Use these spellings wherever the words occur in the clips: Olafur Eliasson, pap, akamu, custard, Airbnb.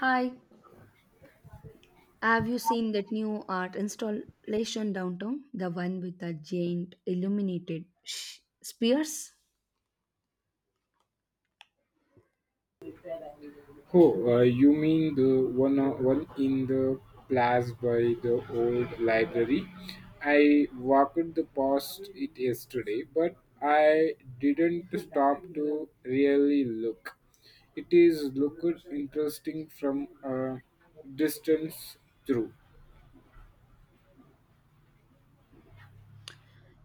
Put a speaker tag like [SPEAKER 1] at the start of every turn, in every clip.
[SPEAKER 1] Hi, have you seen that new art installation downtown? The one with the giant illuminated spears?
[SPEAKER 2] Oh, you mean the one, in the plaza by the old library? I walked the past it yesterday, but I didn't stop to really look. It is looked interesting from a distance through.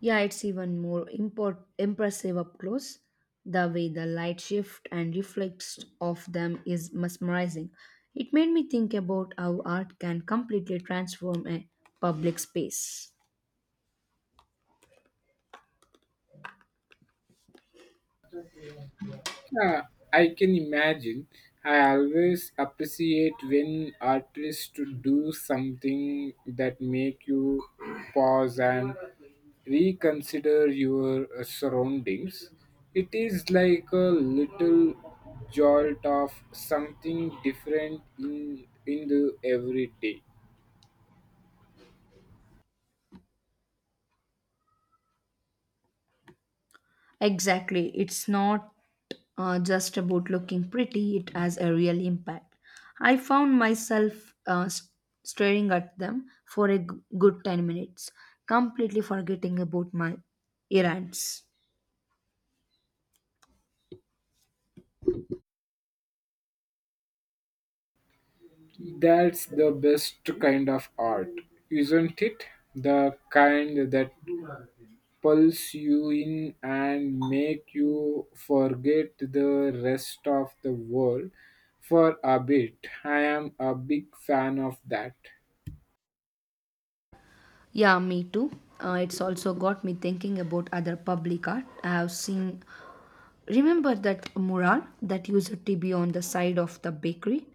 [SPEAKER 1] Yeah, it's even more impressive up close. The way the light shift and reflects off them is mesmerizing. It made me think about how art can completely transform a public space.
[SPEAKER 2] Yeah, I can imagine. I always appreciate when artists to do something that make you pause and reconsider your surroundings. It is like a little jolt of something different in the everyday.
[SPEAKER 1] Exactly. It's not just about looking pretty, it has a real impact. I found myself staring at them for a good 10 minutes, completely forgetting about my errands.
[SPEAKER 2] That's the best kind of art, isn't it? The kind that pulls you in and make you forget the rest of the world for a bit. I am a big fan of that.
[SPEAKER 1] Yeah, me too. It's also got me thinking about other public art I have seen. Remember that mural that used to be on the side of the bakery?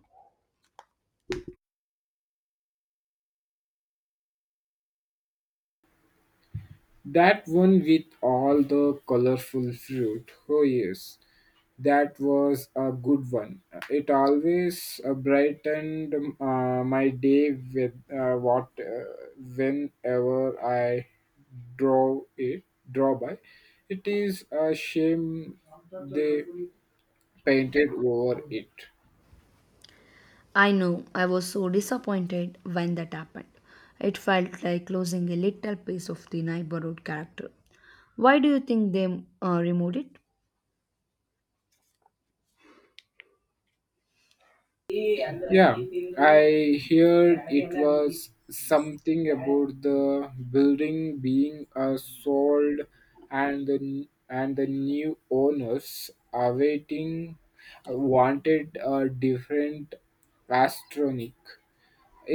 [SPEAKER 2] That one with all the colorful fruit. Oh, yes. That was a good one. It always brightened my day with what whenever I draw it draw by. It is a shame they painted over it.
[SPEAKER 1] I know I was so disappointed when that happened. It felt like losing a little piece of the neighborhood character. Why do you think they removed it?
[SPEAKER 2] Yeah, I heard it was something about the building being sold and the new owners awaiting wanted a different astronic.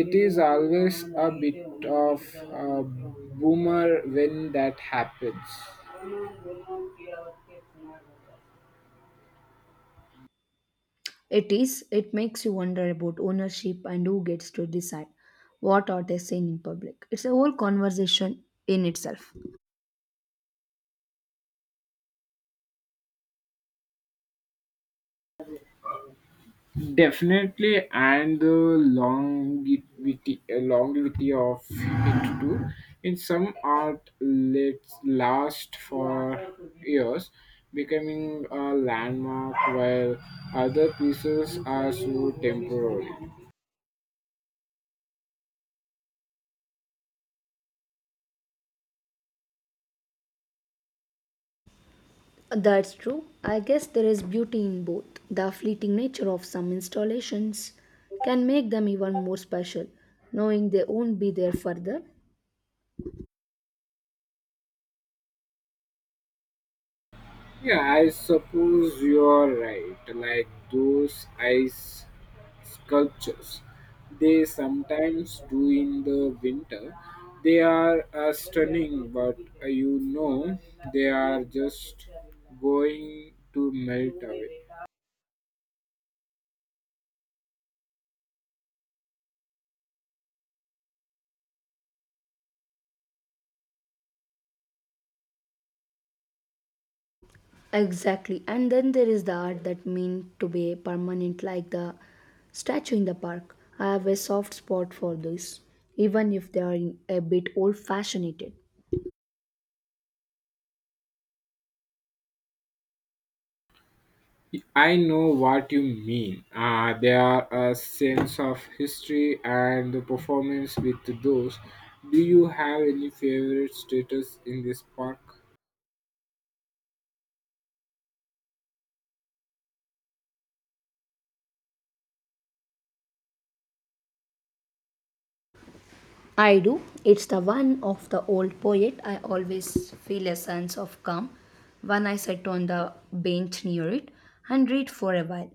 [SPEAKER 2] It is always a bit of a boomer when that happens.
[SPEAKER 1] It is, it makes you wonder about ownership and who gets to decide what are they saying in public. It's a whole conversation in itself.
[SPEAKER 2] Definitely, and the longevity of it too. In some art, let's last for years, becoming a landmark, while other pieces are so temporary.
[SPEAKER 1] That's true. I guess there is beauty in both. The fleeting nature of some installations can make them even more special, knowing they won't be there further.
[SPEAKER 2] Yeah, I suppose you're right. Like those ice sculptures, they sometimes do in the winter. They are stunning, but they are just going to melt away.
[SPEAKER 1] Exactly. And then there is the art that mean to be permanent like the statue in the park. I have a soft spot for this, even if they are a bit old fashioned.
[SPEAKER 2] I know what you mean. There are a sense of history and the performance with those. Do you have any favorite status in this park?
[SPEAKER 1] I do. It's the one of the old poet. I always feel a sense of calm when I sit on the bench near it and read for a while.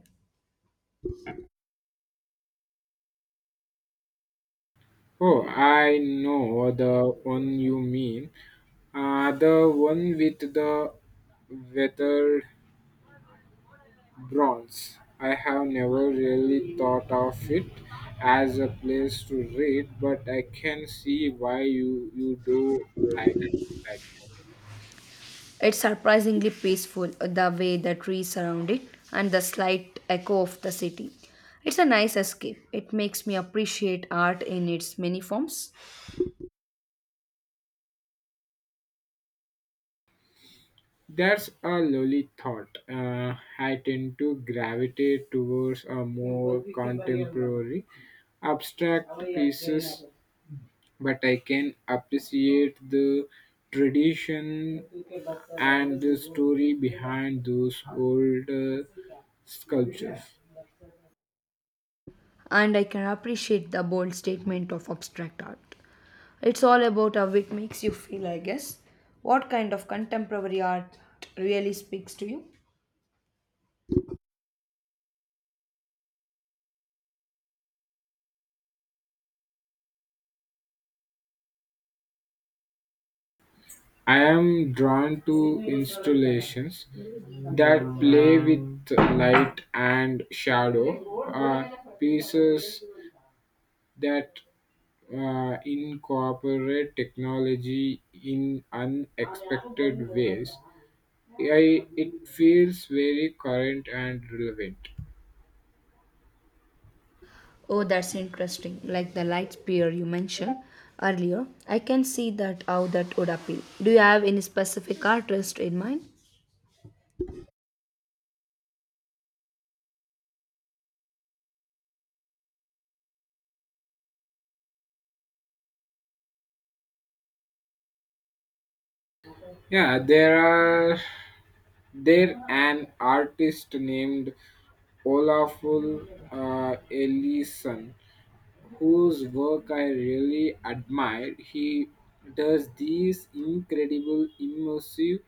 [SPEAKER 2] Oh, I know the one you mean. The one with the weathered bronze. I have never really thought of it as a place to read, but I can see why you do like like it.
[SPEAKER 1] It's surprisingly peaceful, the way the trees surround it and the slight echo of the city. It's a nice escape. It makes me appreciate art in its many forms,
[SPEAKER 2] That's a lovely thought. I tend to gravitate towards a more contemporary, abstract pieces but I can appreciate the tradition and the story behind those older sculptures.
[SPEAKER 1] and I can appreciate the bold statement of abstract art. It's all about how it makes you feel, I guess. What kind of contemporary art really speaks to you?
[SPEAKER 2] I am drawn to installations that play with light and shadow, pieces that incorporate technology in unexpected ways. I, it feels very current and relevant.
[SPEAKER 1] Oh, that's interesting. Like the light spear you mentioned earlier, I can see that how that would appeal. Do you have any specific artist in mind?
[SPEAKER 2] Yeah, are there an artist named Olafur Eliasson whose work I really admire. He does these incredible immersive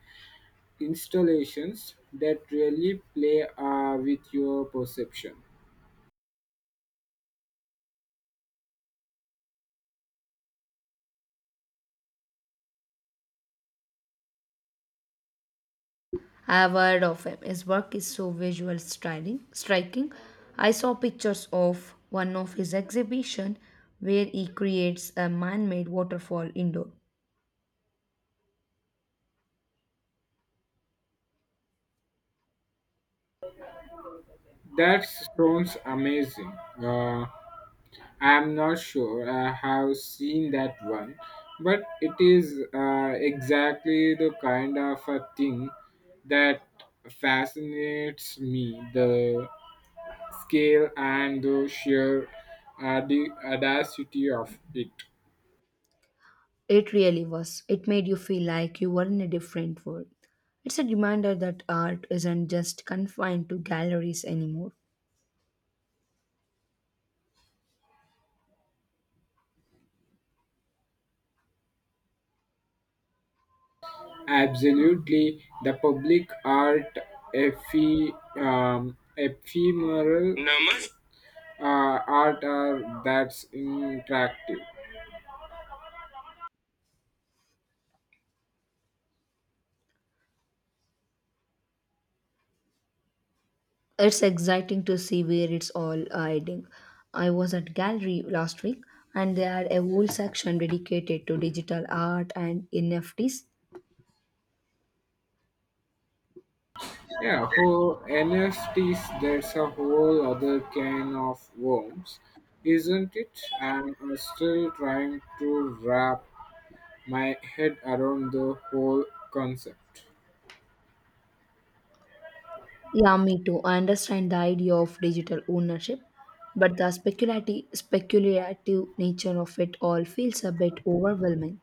[SPEAKER 2] installations that really play with your perception.
[SPEAKER 1] I have heard of him. His work is so visual striking. Striking. I saw pictures of one of his exhibition where he creates a man-made waterfall indoor.
[SPEAKER 2] That sounds amazing. Uh, I'm not sure I have seen that one, but it is exactly the kind of a thing that fascinates me the scale and the sheer the audacity of it.
[SPEAKER 1] It really was. It made you feel like you were in a different world. It's a reminder that art isn't just confined to galleries anymore.
[SPEAKER 2] Absolutely, the public art ephemeral art are that's interactive.
[SPEAKER 1] It's exciting to see where it's all hiding. I was at gallery last week and they had a whole section dedicated to digital art and NFTs.
[SPEAKER 2] Yeah, whole NFTs, that's a whole other can of worms, isn't it? I'm still trying to wrap my head around the whole concept.
[SPEAKER 1] Yeah, me too. I understand the idea of digital ownership, but the speculative nature of it all feels a bit overwhelming.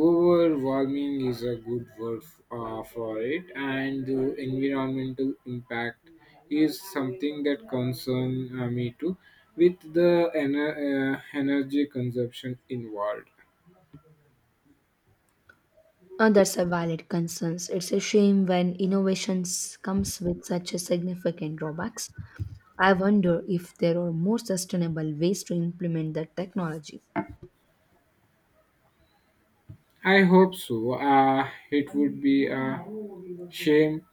[SPEAKER 2] Overwhelming is a good word for it, and the environmental impact is something that concerns me too, with the energy consumption involved.
[SPEAKER 1] That's a valid concern. It's a shame when innovations comes with such a significant drawbacks. I wonder if there are more sustainable ways to implement that technology.
[SPEAKER 2] I hope so. It would be. Shame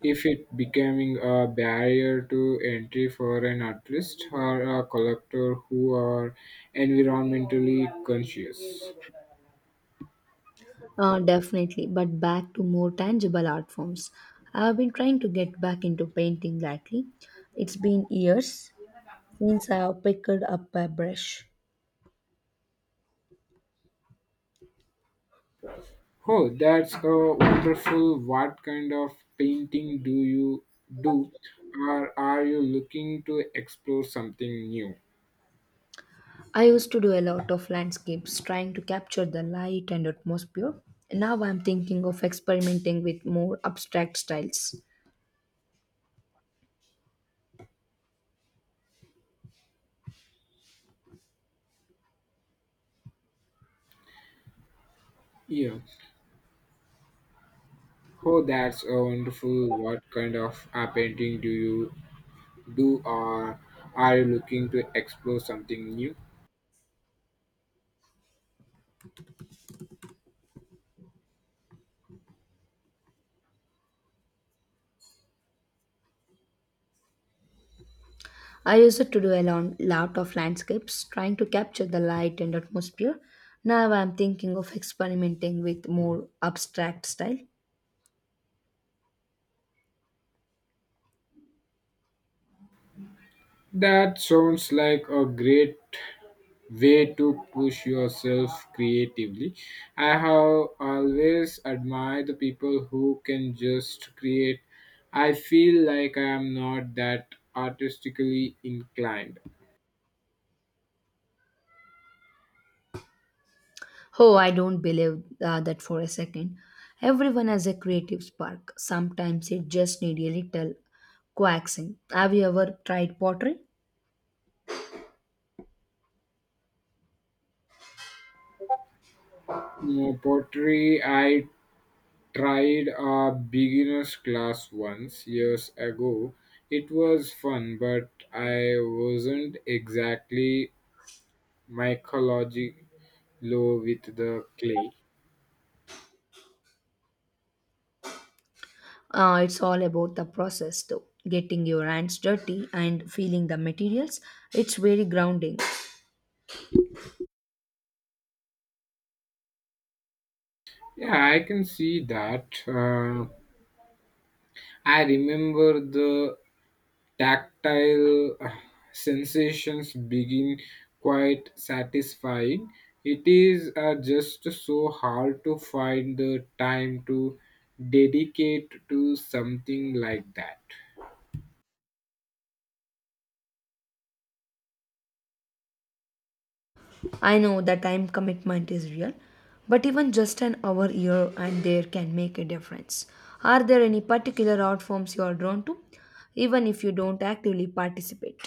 [SPEAKER 2] if it becoming a barrier to entry for an artist or a collector who are environmentally conscious.
[SPEAKER 1] Definitely, but back to more tangible art forms. I've been trying to get back into painting lately. It's been years since I have picked up a brush.
[SPEAKER 2] Oh, that's a wonderful. What kind of painting do you do? Or are you looking to explore something new?
[SPEAKER 1] I used to do a lot of landscapes, trying to capture the light and atmosphere. Now I'm thinking of experimenting with more abstract styles.
[SPEAKER 2] Yeah. Oh, that's a wonderful. What kind of painting do you do? Or are you looking to explore something new?
[SPEAKER 1] I used to do a lot of landscapes, trying to capture the light and atmosphere. Now I'm thinking of experimenting with more abstract style.
[SPEAKER 2] That sounds like a great way to push yourself creatively. I have always admired the people who can just create. I feel like I am not that artistically inclined.
[SPEAKER 1] Oh, I don't believe that for a second. Everyone has a creative spark. Sometimes it just needs a little coaxing. Have you ever tried pottery?
[SPEAKER 2] No, pottery, I tried a beginner's class once years ago. It was fun, but I wasn't exactly Michelangelo with the clay.
[SPEAKER 1] It's all about the process, though. Getting your hands dirty and feeling the materials, it's very grounding.
[SPEAKER 2] Yeah, I can see that. I remember the tactile sensations begin quite satisfying. It is just so hard to find the time to dedicate to something like that.
[SPEAKER 1] I know the time commitment is real, but even just an hour here and there can make a difference. Are there any particular art forms you are drawn to, even if you don't actively participate?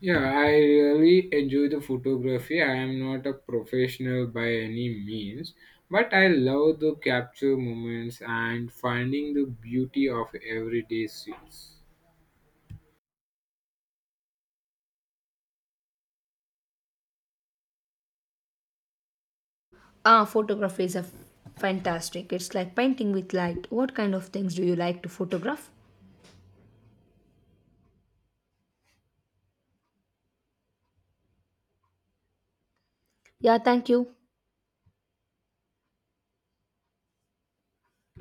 [SPEAKER 2] Yeah, I really enjoy the photography. I am not a professional by any means, but I love to capture moments and finding the beauty of everyday scenes.
[SPEAKER 1] Ah, photography is a fantastic. It's like painting with light. What kind of things do you like to photograph? Yeah, thank you.